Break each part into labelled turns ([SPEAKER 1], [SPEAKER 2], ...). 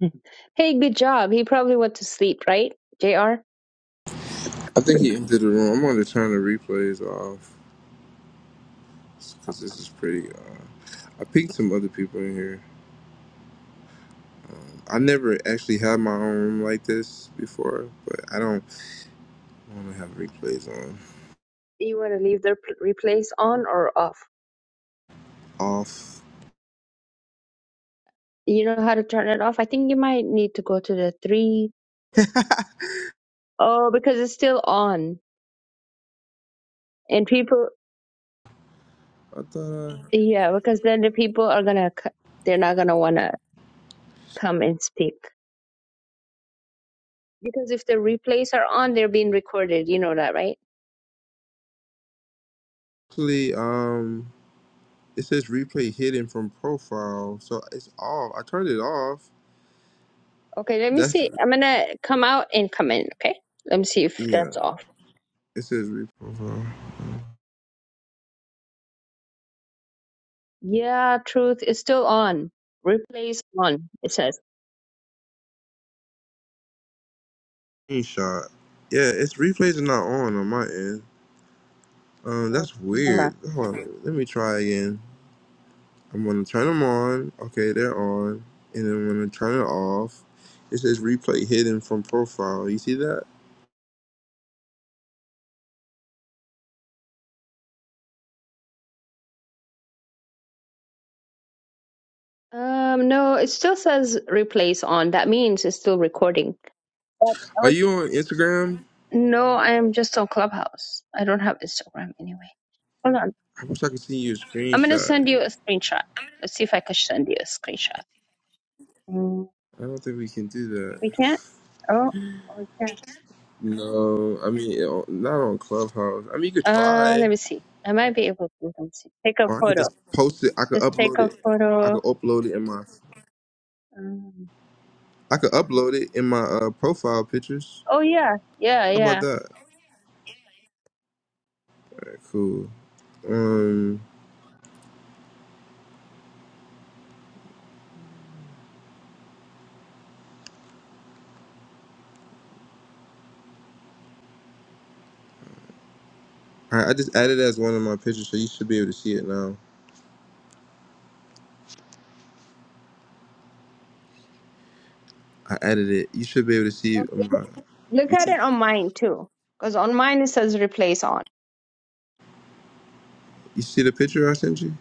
[SPEAKER 1] Hey, good job. He probably went to sleep, right? JR?
[SPEAKER 2] I think he entered the room. I'm going to turn the replays off because this is pretty. Uh, I pinged some other people in here. I never actually had my own room like this before, but I don't want to have replays on.
[SPEAKER 1] Do you want to leave the p- replays on or off?
[SPEAKER 2] Off.
[SPEAKER 1] You know how to turn it off? I think you might need to go to the three. Oh, because it's still on. And people,
[SPEAKER 2] I thought I
[SPEAKER 1] yeah, because then the people are going to, they're not going to want to come and speak. Because if the replays are on, they're being recorded. You know that, right?
[SPEAKER 2] actually, um, it says replay hidden from profile, so it's off. I turned it off.
[SPEAKER 1] Okay, let me
[SPEAKER 2] That's,
[SPEAKER 1] see. I'm going to come out and come in, okay? Let me see if
[SPEAKER 2] yeah,
[SPEAKER 1] that's off.
[SPEAKER 2] it says replay. profile.
[SPEAKER 1] Yeah, truth is still on. Replays on, it says.
[SPEAKER 2] Screenshot. Yeah, it's replays are not on on my end. Um,
[SPEAKER 1] Oh,
[SPEAKER 2] that's
[SPEAKER 1] remember.
[SPEAKER 2] weird. Hold on, let me try again. I'm gonna turn them on. Okay, they're on. And then I'm gonna turn it off. It says replay hidden from profile. You see that?
[SPEAKER 1] Um, no, it still says replace on. That means it's still recording. But I
[SPEAKER 2] Are
[SPEAKER 1] was
[SPEAKER 2] you on Instagram?
[SPEAKER 1] no, I am just on Clubhouse. I don't have Instagram anyway. Hold on.
[SPEAKER 2] I wish I could see your
[SPEAKER 1] I'm gonna
[SPEAKER 2] screenshot.
[SPEAKER 1] send you a screenshot. Let's see if I can send you a screenshot. Mm,
[SPEAKER 2] I don't think we can do that.
[SPEAKER 1] we can't. Oh, oh, we can.
[SPEAKER 2] No, I mean it- not on Clubhouse. I mean you could
[SPEAKER 1] Uh,
[SPEAKER 2] try,
[SPEAKER 1] let me see. I might be able to. Let me see. Take a
[SPEAKER 2] or I could
[SPEAKER 1] photo.
[SPEAKER 2] just post it. I could
[SPEAKER 1] Just take
[SPEAKER 2] upload
[SPEAKER 1] a
[SPEAKER 2] it. I
[SPEAKER 1] photo.
[SPEAKER 2] could upload it in my.
[SPEAKER 1] Um,
[SPEAKER 2] I could upload it in my uh, profile pictures.
[SPEAKER 1] oh yeah, yeah,
[SPEAKER 2] How about
[SPEAKER 1] yeah.
[SPEAKER 2] that? Alright, cool. Um, all right, I just added it as one of my pictures, so you should be able to see it now. I edited it. You should be able to see.
[SPEAKER 1] Okay.
[SPEAKER 2] Um, uh,
[SPEAKER 1] Look
[SPEAKER 2] you
[SPEAKER 1] at it
[SPEAKER 2] see,
[SPEAKER 1] on mine too, because on mine it says replace on.
[SPEAKER 2] you see the picture I sent you.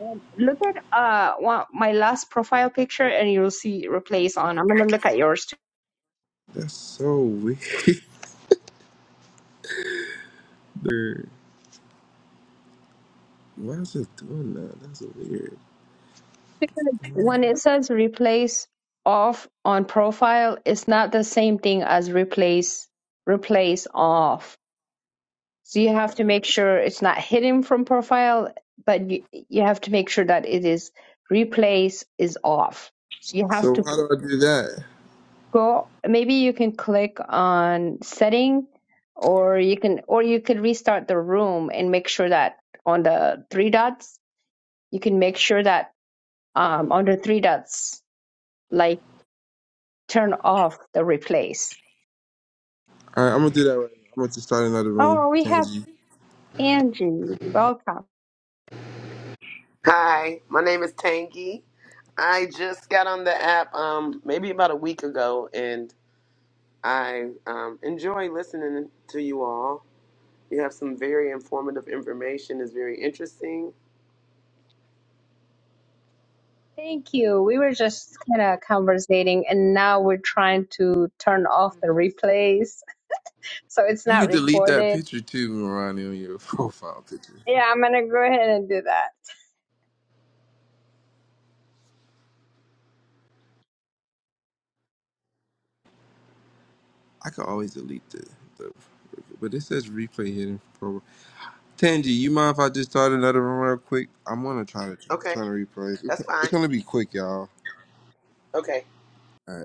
[SPEAKER 1] Um, Look at uh one, my last profile picture and you'll see replace on. I'm gonna look at yours too.
[SPEAKER 2] That's so weird. Why is it doing that? That's weird.
[SPEAKER 1] Because when it says replace off on profile, it's not the same thing as replace replace off. So you have to make sure it's not hidden from profile, but you you have to make sure that it is replace is off. So you have
[SPEAKER 2] So
[SPEAKER 1] to
[SPEAKER 2] how do I do that?
[SPEAKER 1] go maybe you can click on setting or you can or you could restart the room and make sure that on the three dots you can make sure that um on the three dots like turn off the replace
[SPEAKER 2] All right, I'm gonna do that right. now. I'm gonna just start another room,
[SPEAKER 1] oh we have
[SPEAKER 2] Tangi.
[SPEAKER 1] angie welcome
[SPEAKER 3] Hi, my name is Tangy. I just got on the app um maybe about a week ago and I um enjoy listening to you all. You have some very informative information, it's very interesting.
[SPEAKER 1] thank you we were just kind of conversating and now we're trying to turn off the replays so it's
[SPEAKER 2] You
[SPEAKER 1] not
[SPEAKER 2] can delete that
[SPEAKER 1] recorded
[SPEAKER 2] picture too, Marani, on your profile picture.
[SPEAKER 1] yeah i'm gonna go ahead and do that
[SPEAKER 2] I could always delete the, the but it says replay hidden for program. Tangi, you mind if I just start another room real quick? I'm gonna try to
[SPEAKER 3] Okay,
[SPEAKER 2] try to replay. Okay.
[SPEAKER 3] that's fine.
[SPEAKER 2] It's gonna be quick, y'all.
[SPEAKER 3] Okay.
[SPEAKER 2] All right.